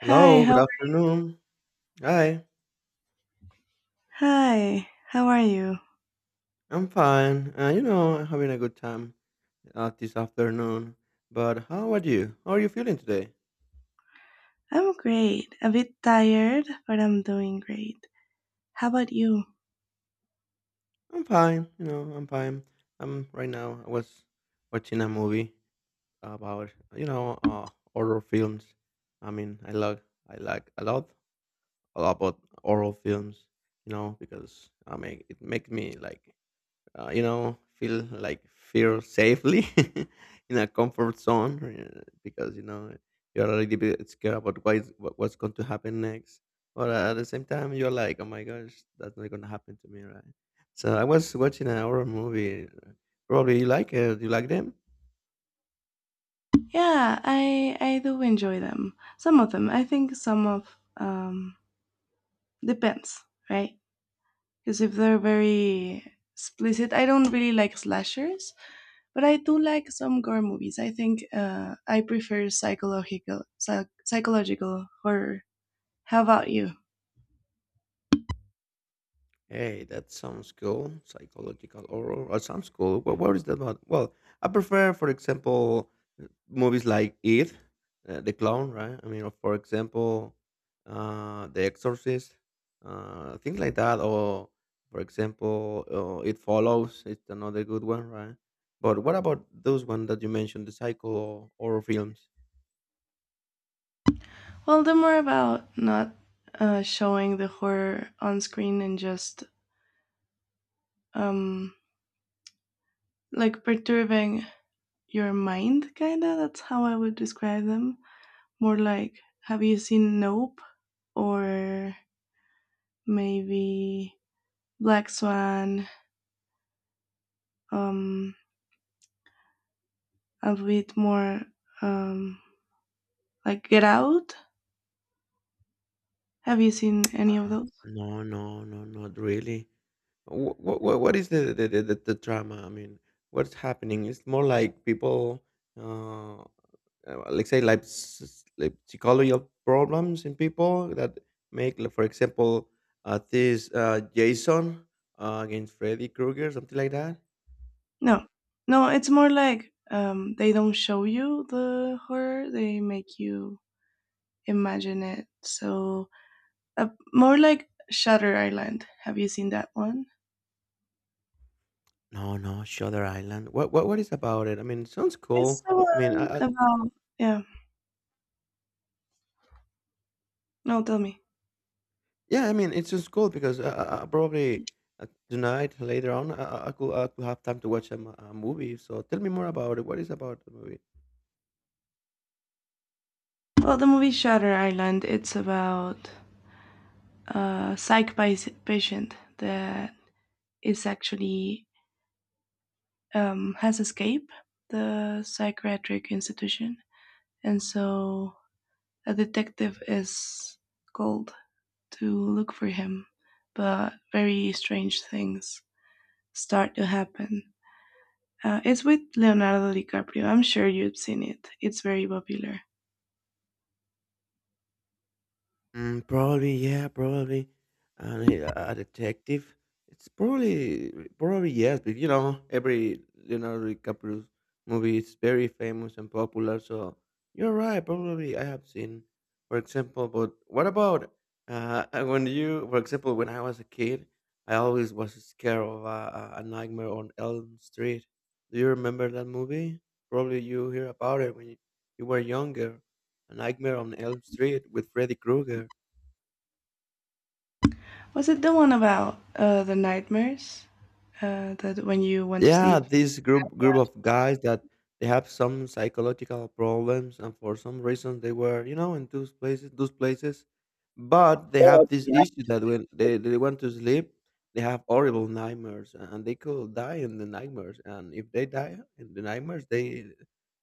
Hi, Hello, good how afternoon. Hi, hi, how are you? I'm fine. You know, I'm having a good time this afternoon. But how are you? How are you feeling today? I'm great. A bit tired, but I'm doing great. How about you? I'm fine. You know, I'm fine. I'm right now. I was watching a movie about horror films. I mean, I like a lot about horror films. You know, because I make it make me like feel like feel safely in a comfort zone because you know you're a little bit scared about what's going to happen next. But at the same time, you're like, oh my gosh, that's not going to happen to me, right? So I was watching an horror movie. Probably you like it. You like them? Yeah, I do enjoy them. Some of them. I think some of um depends, right? Because if they're very explicit, I don't really like slashers, but I do like some gore movies. I think I prefer psychological horror. How about you? Hey, that sounds cool. Psychological horror. Or sounds cool. Well, what is that about? Well, I prefer, for example, movies like It, The Clown, right? I mean, for example, The Exorcist, things like that. Or, for example, It Follows. It's another good one, right? But what about those one that you mentioned, the psycho horror films? Well, they're more about not showing the horror on screen and just um, like perturbing your mind, kinda. That's how I would describe them. More like, have you seen Nope or maybe Black Swan? Um, a bit more um, like Get Out. Have you seen any of Uh, those? no, no, no, not really. What is the drama? I mean, what's happening? It's more like people, uh, let's say, like psychological problems in people that make, like, for example, this Jason against Freddy Krueger, something like that. No, no. It's more like they don't show you the horror; they make you imagine it. So more like Shutter Island. Have you seen that one? No, no, Shutter Island. What is about it? I mean, it sounds It's cool. the I mean, one I, I about yeah. No, tell me. yeah, I mean, it's just cool because probably tonight later on I could have time to watch a movie. So tell me more about it. What is about the movie? Well, the movie Shutter Island. It's about a patient that is actually has escaped the psychiatric institution, and so a detective is called to look for him, but very strange things start to happen. It's with Leonardo DiCaprio. I'm sure you've seen it. It's very popular. Mm, probably, yeah, probably. And a detective. It's probably, probably yes. But you know, every Leonardo DiCaprio movie is very famous and popular. So you're right. Probably I have seen, for example. But what about when for example, when I was a kid, I always was scared of a nightmare on Elm Street. Do you remember that movie? Probably you hear about it you were younger. A Nightmare on Elm Street with Freddy Krueger. Was it the one about the nightmares? That when you want to Yeah, sleep? this group of guys that they have some psychological problems and for some reason they were you know in those places, but they have this Yeah. issue that when they want to sleep, they have horrible nightmares and they could die in the nightmares, and if they die in the nightmares they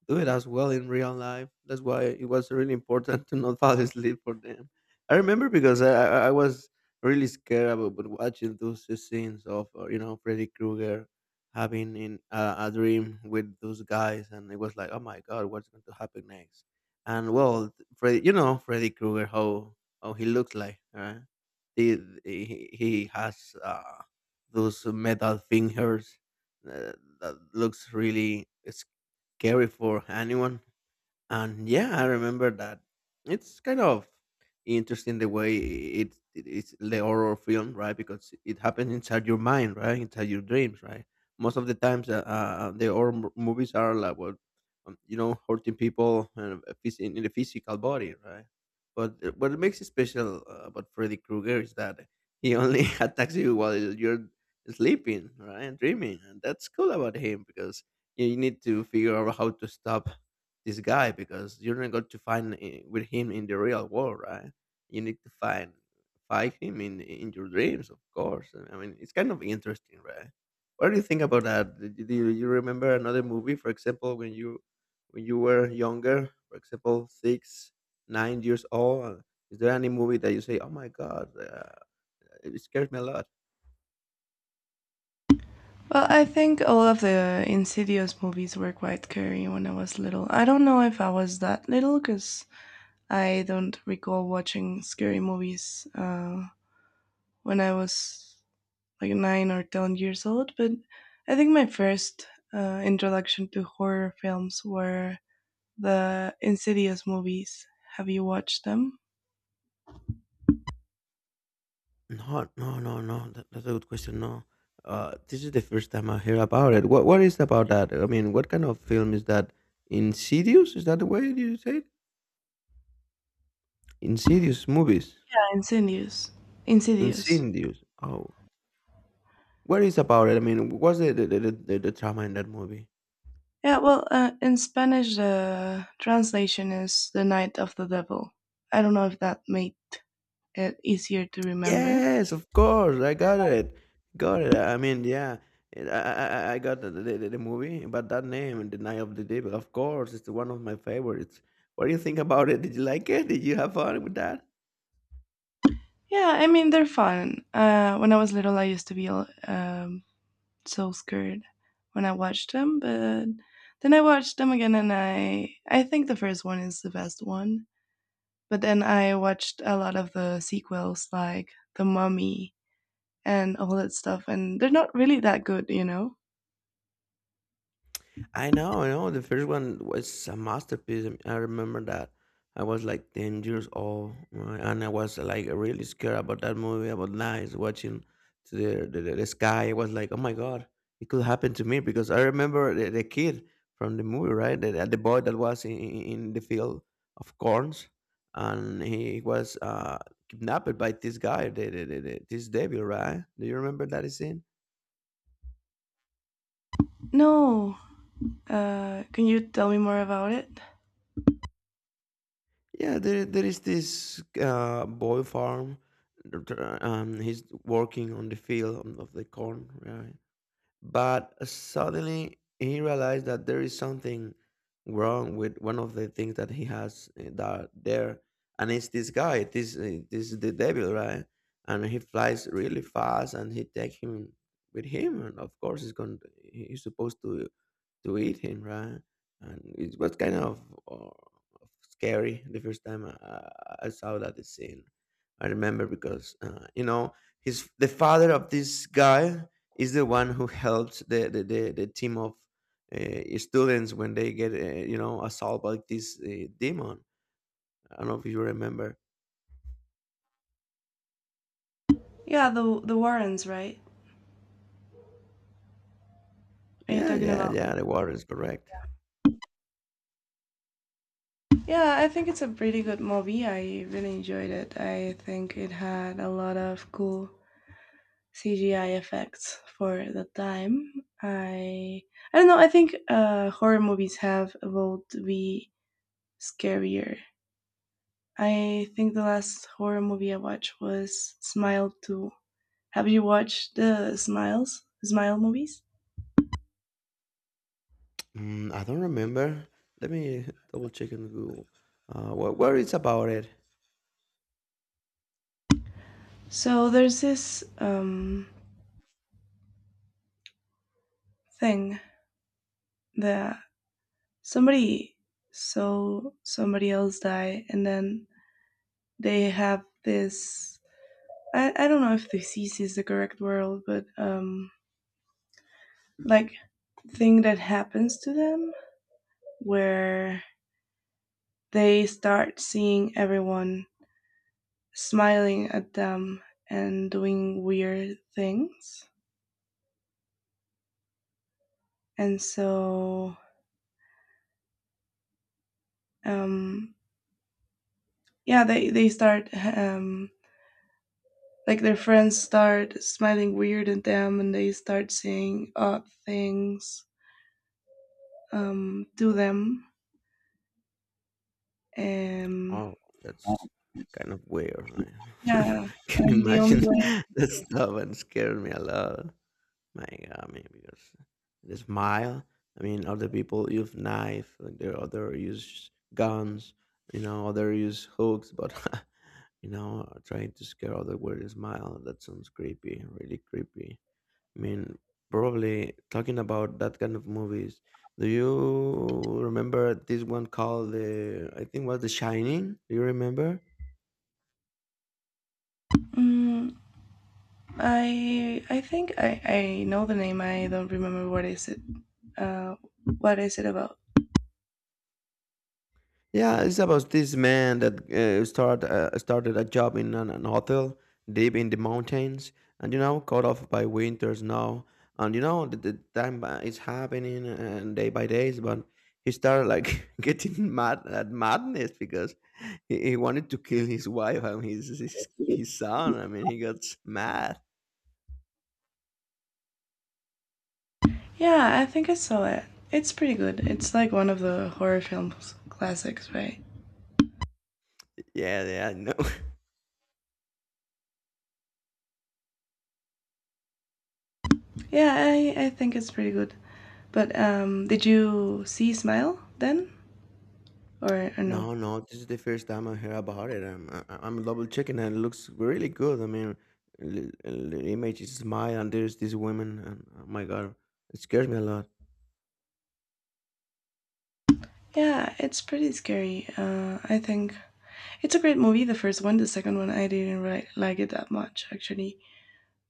do it as well in real life. That's why it was really important to not fall asleep for them. I was really scared about watching those scenes of you know Freddy Krueger having in a dream with those guys, and it was like, oh my god, what's going to happen next? And well, Freddy, you know Freddy Krueger, how he looks like, right? He he has those metal fingers uh, that looks really scary for anyone. And yeah, I remember that. It's kind of interesting the way it's the horror film, right? Because it happens inside your mind, right? Inside your dreams, right? Most of the times, the movies are like what you know, hurting people in the physical body, right? But what makes it special about Freddy Krueger is that he only attacks you while you're sleeping, right, and dreaming, and that's cool about him because you need to figure out how to stop this guy because you're not going to with him in the real world, right? You need to find him in your dreams, of course. I mean, it's kind of interesting, right? What do you think about that? Do you remember another movie, for example, when you were younger, for example, six, 9 years old? Is there any movie that you say, "Oh my God, it scares me a lot"? Well, I think all of the Insidious movies were quite scary when I was little. I don't know if I was that little because I don't recall watching scary movies when I was like 9 or 10 years old, but I think my first introduction to horror films were the Insidious movies. Have you watched them? No, no, no, no. That's a good question. No, this is the first time I hear about it. What is about that? I mean, what kind of film is that? Insidious? Is that the way you say it? Insidious movies. Insidious. Insidious. Insidious. Oh, what is about it? I mean, what's the trauma in that movie? Yeah, well, in Spanish, the translation is The Night of the Devil. I don't know if that made it easier to remember. Yes, of course. I got it. Got it. I mean, yeah. I I got the movie, but that name, The Night of the Devil, of course, it's one of my favorites. What do you think about it? Did you like it? Did you have fun with that? Yeah, I mean, they're fun. When I was little, I used to be so scared when I watched them, but then I watched them again, and I think the first one is the best one. But then I watched a lot of the sequels, like The Mummy and all that stuff, and they're not really that good, you know. I know, I know. The first one was a masterpiece. I mean, I remember that I was like 10 years old, right? And I was like really scared about that movie, about nights watching to the, the sky. I was like, oh my God, it could happen to me because I remember the kid from the movie, right? The boy that was in in the field of corns, and he was kidnapped by this guy, this devil, right? Do you remember that scene? No, can you tell me more about it? Yeah, there is this boy farm, he's working on the field of the corn, right? But suddenly he realized that there is something wrong with one of the things that he has and it's this guy, this is the devil, right? And he flies really fast, and he take him with him, and of course he's going. To, he's supposed to eat him, right? And it was kind of, uh, scary the first time I I saw that scene. I remember because you know he's the father of this guy is the one who helps the the team of students when they get you know assaulted by this demon. I don't know if you remember. Yeah, the Warrens, right? Are you Yeah, talking yeah, about? yeah. The water is correct. Yeah, I think it's a pretty good movie. I really enjoyed it. I think it had a lot of cool CGI effects for the time. I I don't know. I think horror movies have evolved to be scarier. I think the last horror movie I watched was Smile 2. Have you watched the Smiles, Smile movies? Mm, I don't remember. Let me double check in Google. Where it's about it? So there's this thing that somebody saw somebody else die, and then they have this. I don't know if disease is the correct word, but like thing that happens to them where they start seeing everyone smiling at them and doing weird things. And so um, yeah, they start like their friends start smiling weird at them and they start saying odd things to them and Oh, that's kind of weird. Right? yeah, Can you and the only imagine way, that stuff and scared me a lot. My God, I mean, because there's mile. I mean, other people use knife, and there other use guns, you know, other use hooks, but you know, trying to scare other with is mile. That sounds creepy, really creepy. I mean, probably talking about that kind of movies. Do you remember this one called the? I think was The Shining. Do you remember? mm, I think I know the name. I don't remember what is it uh what is it about? Yeah, it's about this man that started a job in an hotel deep in the mountains, and you know, caught off by winter snow, and you know, the time is happening and day by days, but he started like getting mad at madness because he wanted to kill his wife and his son. I mean, he got mad. Yeah, I think I saw it. It's pretty good. It's like one of the horror films classics, right? Yeah, yeah, no. Yeah, I think it's pretty good. But did you see Smile then, or no? No, no, this is the first time I hear about it. I'm double checking, and it looks really good. I mean, the image is smile, and there's this woman, and oh my God, it scares me a lot. Yeah, it's pretty scary. I think it's a great movie. The first one, the second one, I didn't like it that much actually.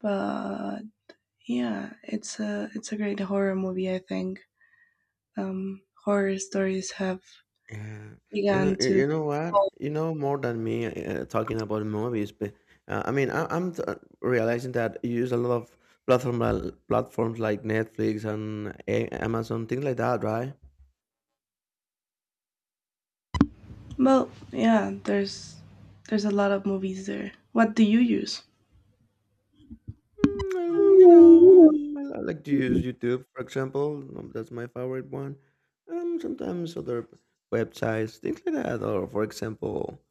But yeah, it's a great horror movie. I think horror stories have Yeah, you know, begun to. you know what? You know more than me talking about movies, but I mean, realizing that you use a lot of platforms like Netflix and Amazon, things like that, right? Well, yeah, there's a lot of movies there. What do you use? You know, I like to use YouTube, for example. That's my favorite one. Sometimes other websites, things like that, or for example,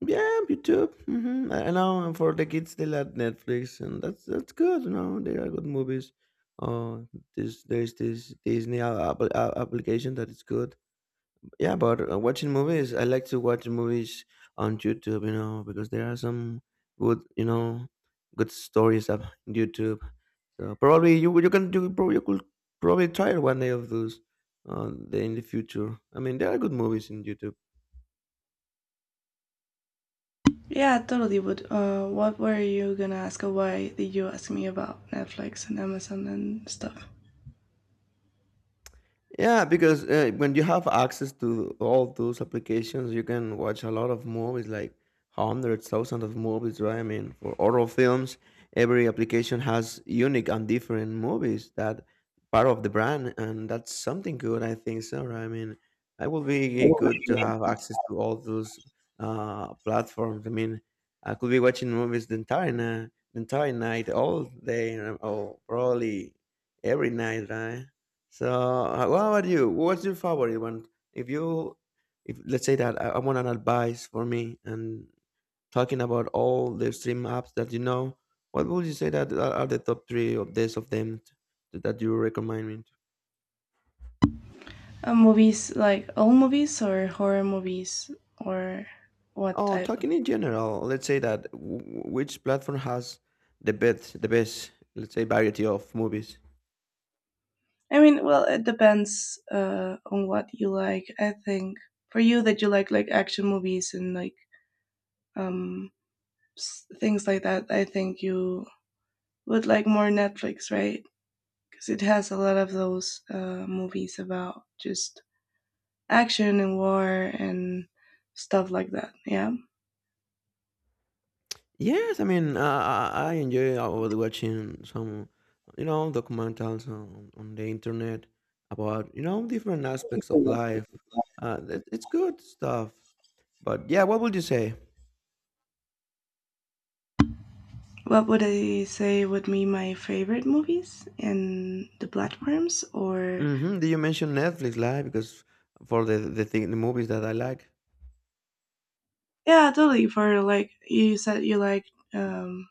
yeah, YouTube. Hmm, I know, and for the kids, they like Netflix, and that's good. You know, they are good movies. Uh, this there's this Disney application that is good. Yeah, but watching movies, I like to watch movies on YouTube. You know, because there are some good, you know, good stories up on YouTube, so probably you you can you probably could probably try one day of those in the future. I mean, there are good movies in YouTube. Yeah, totally. But what were you gonna ask? Or why did you ask me about Netflix and Amazon and stuff? Yeah, because when you have access to all those applications, you can watch a lot of movies, like hundreds, thousands of movies, right? I mean, for horror films, every application has unique and different movies that part of the brand, and that's something good, I think so, right? I mean, it would Uh, be good to have access to all those platforms. I mean, I could be watching movies the entire night, all day, or probably every night, right? So, what about you? What's your favorite one? If you, if let's say that I want an advice for me and talking about all the stream apps that you know, what would you say that are the top three of them that you recommend me? To? Movies, like all movies or horror movies or what Oh, type of? talking in general, let's say that which platform has the best, let's say, variety of movies. I mean, well, it depends on what you like. I think for you that you like action movies and like um things like that, I think you would like more Netflix, right? Because it has a lot of those movies about just action and war and stuff like that. Yeah. Yes, I mean, I enjoy about watching some, documentals on the internet about, different aspects of life. It's good stuff. But yeah, what would you say? What would I say would be my favorite movies in the platforms? Or Mm-hmm. Did you mention Netflix Live? Because for the thing, the movies that I like. yeah, totally. For like you said, you like um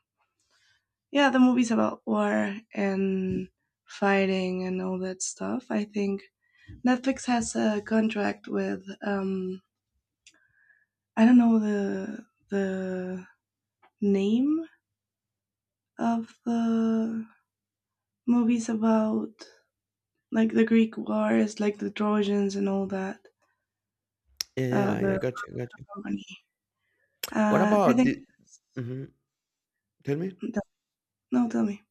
yeah the movies about war and fighting and all that stuff. I think Netflix has a contract with I don't know the the name of the movies about like the Greek wars, like the Trojans and all that. Yeah, yeah, yeah. The Gotcha, gotcha. company. What I about think. the? Mm-hmm. Tell me. No, no, tell me.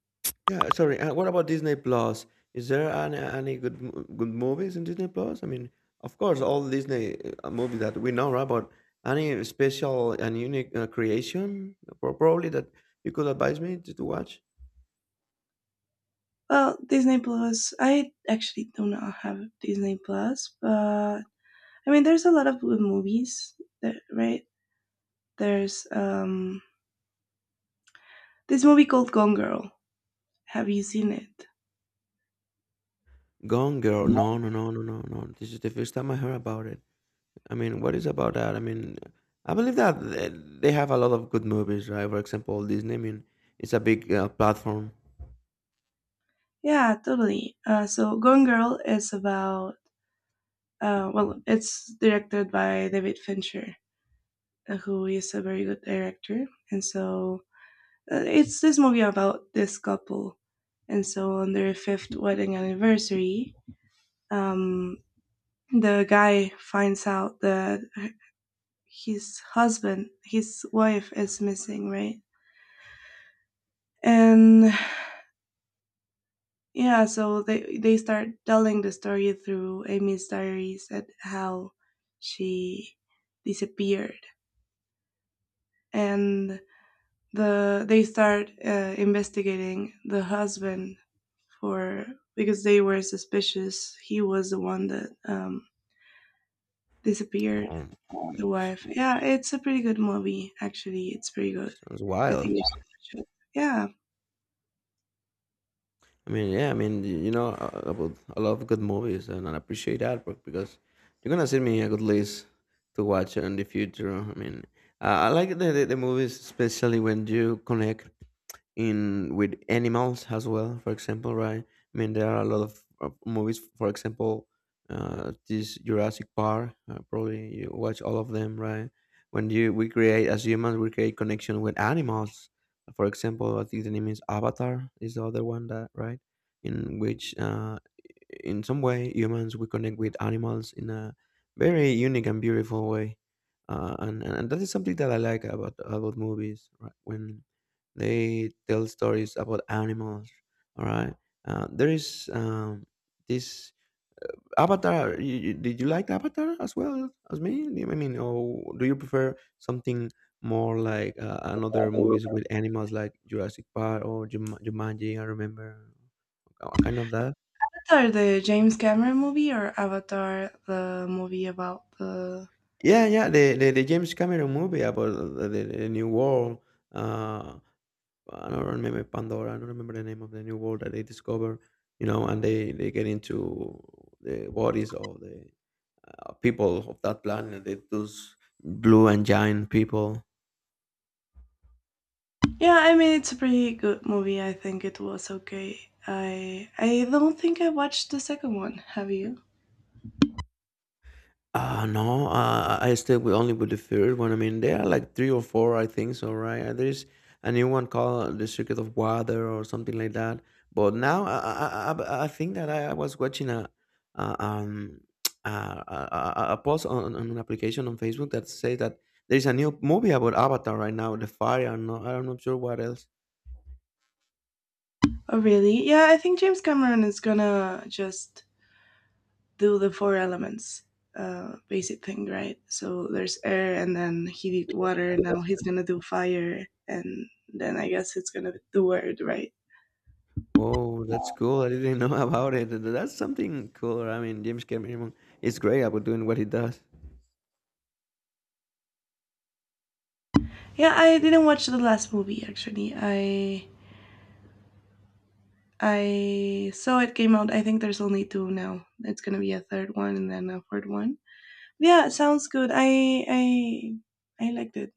Yeah, sorry. What about Disney Plus? Is there any good good movies in Disney Plus? I mean, of course, all Disney movies that we know, right? But any special and unique creation, probably that you could advise me to watch? Well, Disney Plus. I actually do not have Disney Plus, but I mean, there's a lot of good movies, there, right? There's this movie called Gone Girl. Have you seen it? Gone Girl. Yeah, No, no, no, no, no, no. This is the first time I heard about it. I mean, what is about that? I mean, I believe that they have a lot of good movies, right? For example, Disney. I mean, it's a big platform. yeah, totally. So Gone Girl is about well, it's directed by David Fincher, who is a very good director, and so it's this movie about this couple, and so on their fifth wedding anniversary, um, the guy finds out that his husband, his wife, is missing, right? And yeah, so they start telling the story through Amy's diaries at how she disappeared, and they start investigating the husband for because they were suspicious. He was the one that disappeared. Um, The that's wife. Yeah, it's a pretty good movie. Actually, it's pretty good. sounds I wild. think you should watch it. Yeah. I mean, yeah. I mean, you know, about a lot of good movies, and I appreciate that, bro, because you're gonna send me a good list to watch in the future. I mean, I like the movies, especially when you connect in with animals as well, for example, right? I mean, there are a lot of movies. For example, this Jurassic Park, probably you watch all of them, right? When you we create as humans, we create connection with animals. For example, I think the name is Avatar is the other one, that, right? In which, in some way, humans, we connect with animals in a very unique and beautiful way. And that is something that I like about movies, right? When they tell stories about animals. All right. There is, this Avatar. Did you like Avatar as well as me? I mean, or do you prefer something more like, another movies with animals, like Jurassic Park or Jumanji? I remember a kind of that. Avatar, the James Cameron movie, or Avatar, the movie about the. Yeah, yeah, the James Cameron movie about the new world. Uh, I don't remember Pandora. I don't remember the name of the new world that they discover. You know, and they get into the bodies of the people of that planet. Those blue and giant people. Yeah, I mean it's a pretty good movie. I think it was okay. I don't think I watched the second one. Have you? No, I stayed with only with the third one. I mean, there are like three or four, I think so, right? And there's a new one called The Circuit of Water or something like that. But now I think that I was watching a a post on an application on Facebook that says that there's a new movie about Avatar right now, The Fire. I'm not sure what else. Oh really? Yeah, I think James Cameron is gonna just do the four elements basic thing, right? So there's air, and then he did water. Now he's gonna do fire, and then I guess it's gonna do word, right? Oh, that's cool. I didn't know about it. That's something cool. I mean, James Cameron is great about doing what he does. Yeah, I didn't watch the last movie actually. I saw it came out. I think there's only two now. It's gonna be a third one and then a fourth one. Yeah, it sounds good. I liked it.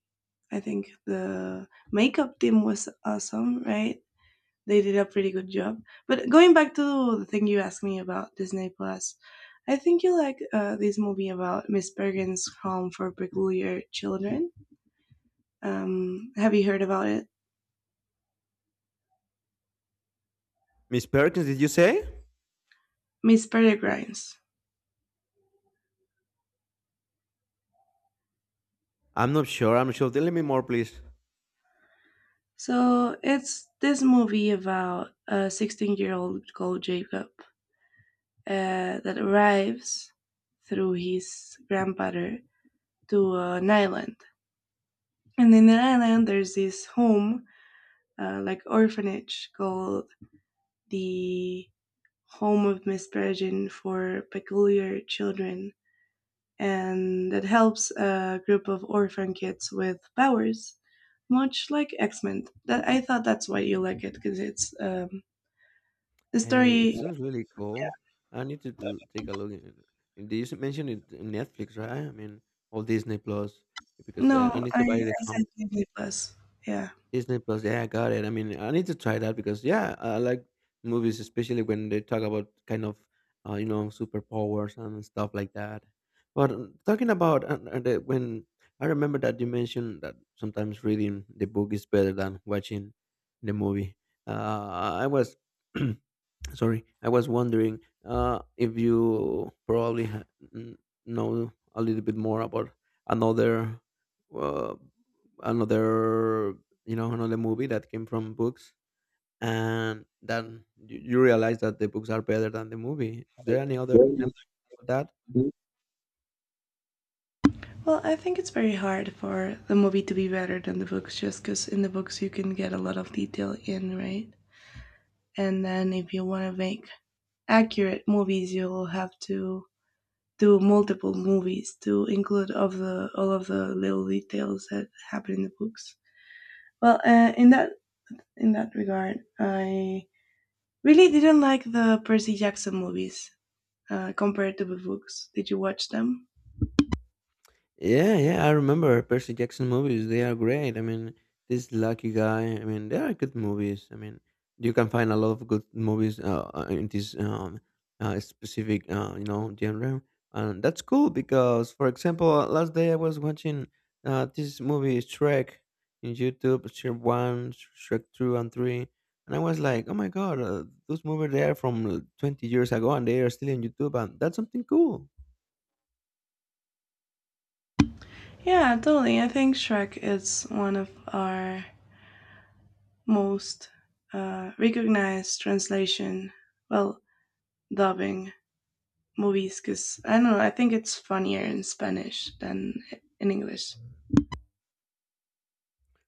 I think the makeup team was awesome, right? They did a pretty good job. But going back to the thing you asked me about Disney Plus, I think you like this movie about Miss Peregrine's Home for Peculiar Children. Have you heard about it? Miss Perkins, did you say? Miss Peregrine's. I'm not sure. I'm not sure. Tell me more, please. So it's this movie about a 16-year-old called Jacob that arrives through his grandfather to an island. And in the island, there's this home, like orphanage, called the home of Miss Peregrine for peculiar children, and that helps a group of orphan kids with powers, much like X Men. That I thought that's why you like it because it's the Hey, it story. sounds really cool. I need to take a look in it. Did you mention it in Netflix, right? I mean, or Disney Plus, because No, I need to buy the I said account. Disney Plus. Yeah. Disney Plus. Yeah, I got it. I mean, I need to try that because, yeah, I like movies, especially when they talk about kind of superpowers and stuff like that. But talking about when I remember that you mentioned that sometimes reading the book is better than watching the movie. Uh, I was Sorry, I was wondering, if you probably n- know a little bit more about another, uh, another, another movie that came from books, and then you realize that the books are better than the movie. Is there any other Yeah, you example of that? should. Well, I think it's very hard for the movie to be better than the books, just because in the books you can get a lot of detail in, right? And then if you want to make accurate movies, you'll have to do multiple movies to include of the all of the little details that happen in the books. Well, in that regard, I really didn't like the Percy Jackson movies compared to the books. Did you watch them? Yeah, yeah, I remember Percy Jackson movies. They are great. I mean, this Lucky Guy. I mean, they are good movies. I mean, you can find a lot of good movies in this specific, genre, and that's cool because, for example, last day I was watching this movie Shrek in YouTube, Shrek One, Shrek Two, and Three, and I was like, oh my god, those movies, they are from 20 years ago, and they are still in YouTube, and that's something cool. Yeah, totally. I think Shrek is one of our most recognized translation, well, dubbing movies because I don't know. I think it's funnier in Spanish than in English.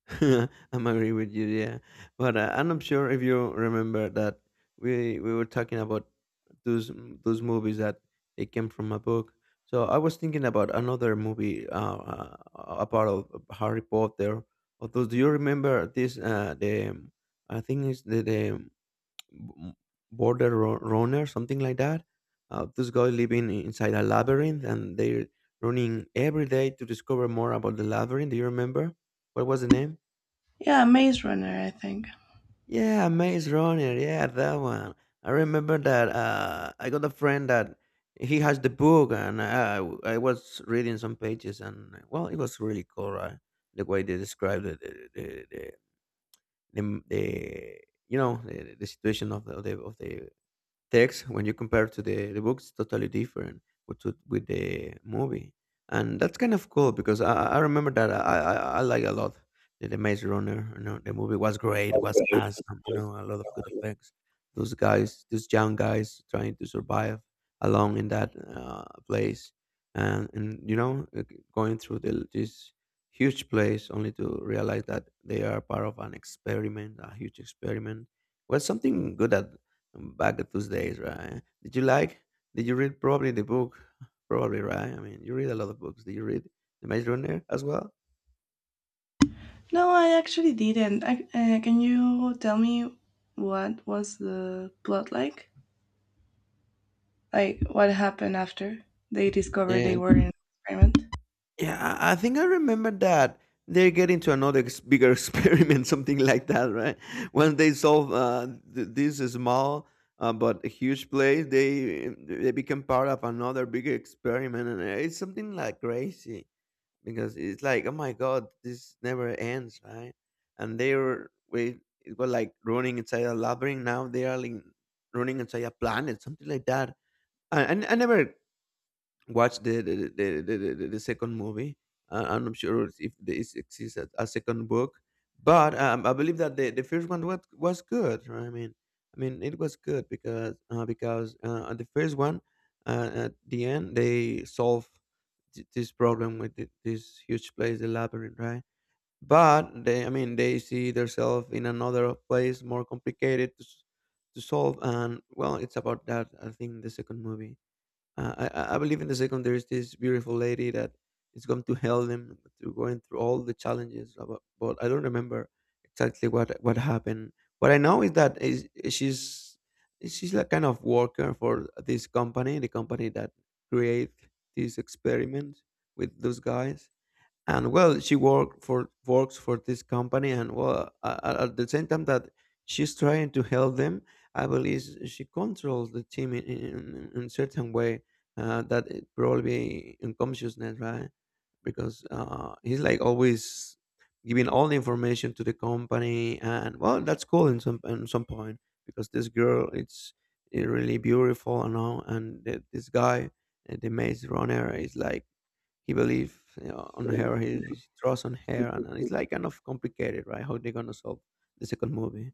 I'm agree with you, yeah. But I'm not sure if you remember that we were talking about those those movies that they came from a book. So I was thinking about another movie, about of Harry Potter. Although, do you remember this? The I think it's the b- border runner, something like that. Those guys living inside a labyrinth, and they're running every day to discover more about the labyrinth. Do you remember what was the name? Yeah, Maze Runner. I think. Yeah, Maze Runner. Yeah, that one. I remember that. I got a friend that he has the book, and I was reading some pages, and, well, it was really cool, right? The way they described the situation of the text. When you compare to the books, totally different with the movie. And that's kind of cool because, I remember that I like a lot the Maze Runner. The movie was great, was awesome. A lot of good effects. Those young guys, trying to survive along in that place, and, like, going through this huge place, only to realize that they are part of an experiment a huge experiment. Was something good that back at those days, right? Did you like? Did you read probably the book? Probably, right? I mean, you read a lot of books. Did you read The Maze Runner as well? No, I actually didn't. Can you tell me what was the plot like? Like, what happened after they discovered they And, were in an experiment? yeah, I think I remember that they get into another bigger experiment, something like that, right? Once they solve, this small, but a huge place, they become part of another big experiment, and it's something like crazy. Because it's like, oh my god, this never ends, right? And they were we it was like running inside a labyrinth. Now they are like running inside a planet, something like that. I never watch the second movie. I'm not sure if there exists a second book, but I believe that the first one was good, right? I mean, it was good because, on the first one, at the end, they solve this problem with this huge place, the labyrinth, right? But they, I mean, they see themselves in another place, more complicated to solve, and, well, it's about that. I think the second movie. I believe, in the second, there's this beautiful lady that is going to help them through going through all the challenges. But I don't remember exactly what happened. What I know is that is she's she's like kind of worker for this company, the company that create these experiments with those guys. And, well, she works for this company, and, well, at the same time that she's trying to help them, I believe she controls the team in certain way, that it probably unconsciousness, right? Because, he's like always giving all the information to the company. And, well, that's cool in some point, because this girl, it's, really beautiful and all, and this guy, the Maze Runner, is like, he believes, on her. He trusts on her, and it's like kind of complicated, right? How they're gonna solve the second movie?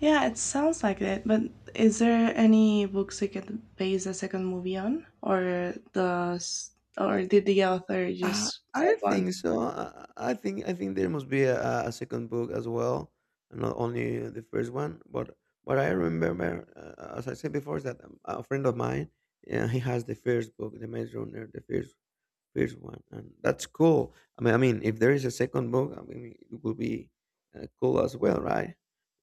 Yeah, it sounds like it, but is there any books they could base the second movie on? Or or did the author just I pick don't one? think so. I think there must be a second book as well, and not only the first one. But what I remember, as I said before, is that a friend of mine, yeah, he has the first book, The Maze Runner, the first one, and that's cool. I mean, if there is a second book, I mean, it will be cool as well, right?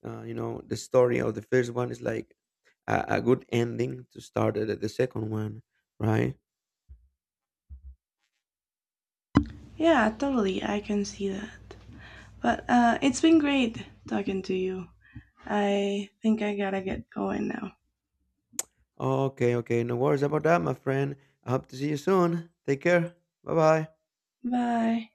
The story of the first one is like a good ending to start the second one, right? Yeah, totally. I can see that. But it's been great talking to you. I think I gotta get going now. Okay, okay, no worries about that, my friend. I hope to see you soon. Take care. Bye bye. Bye.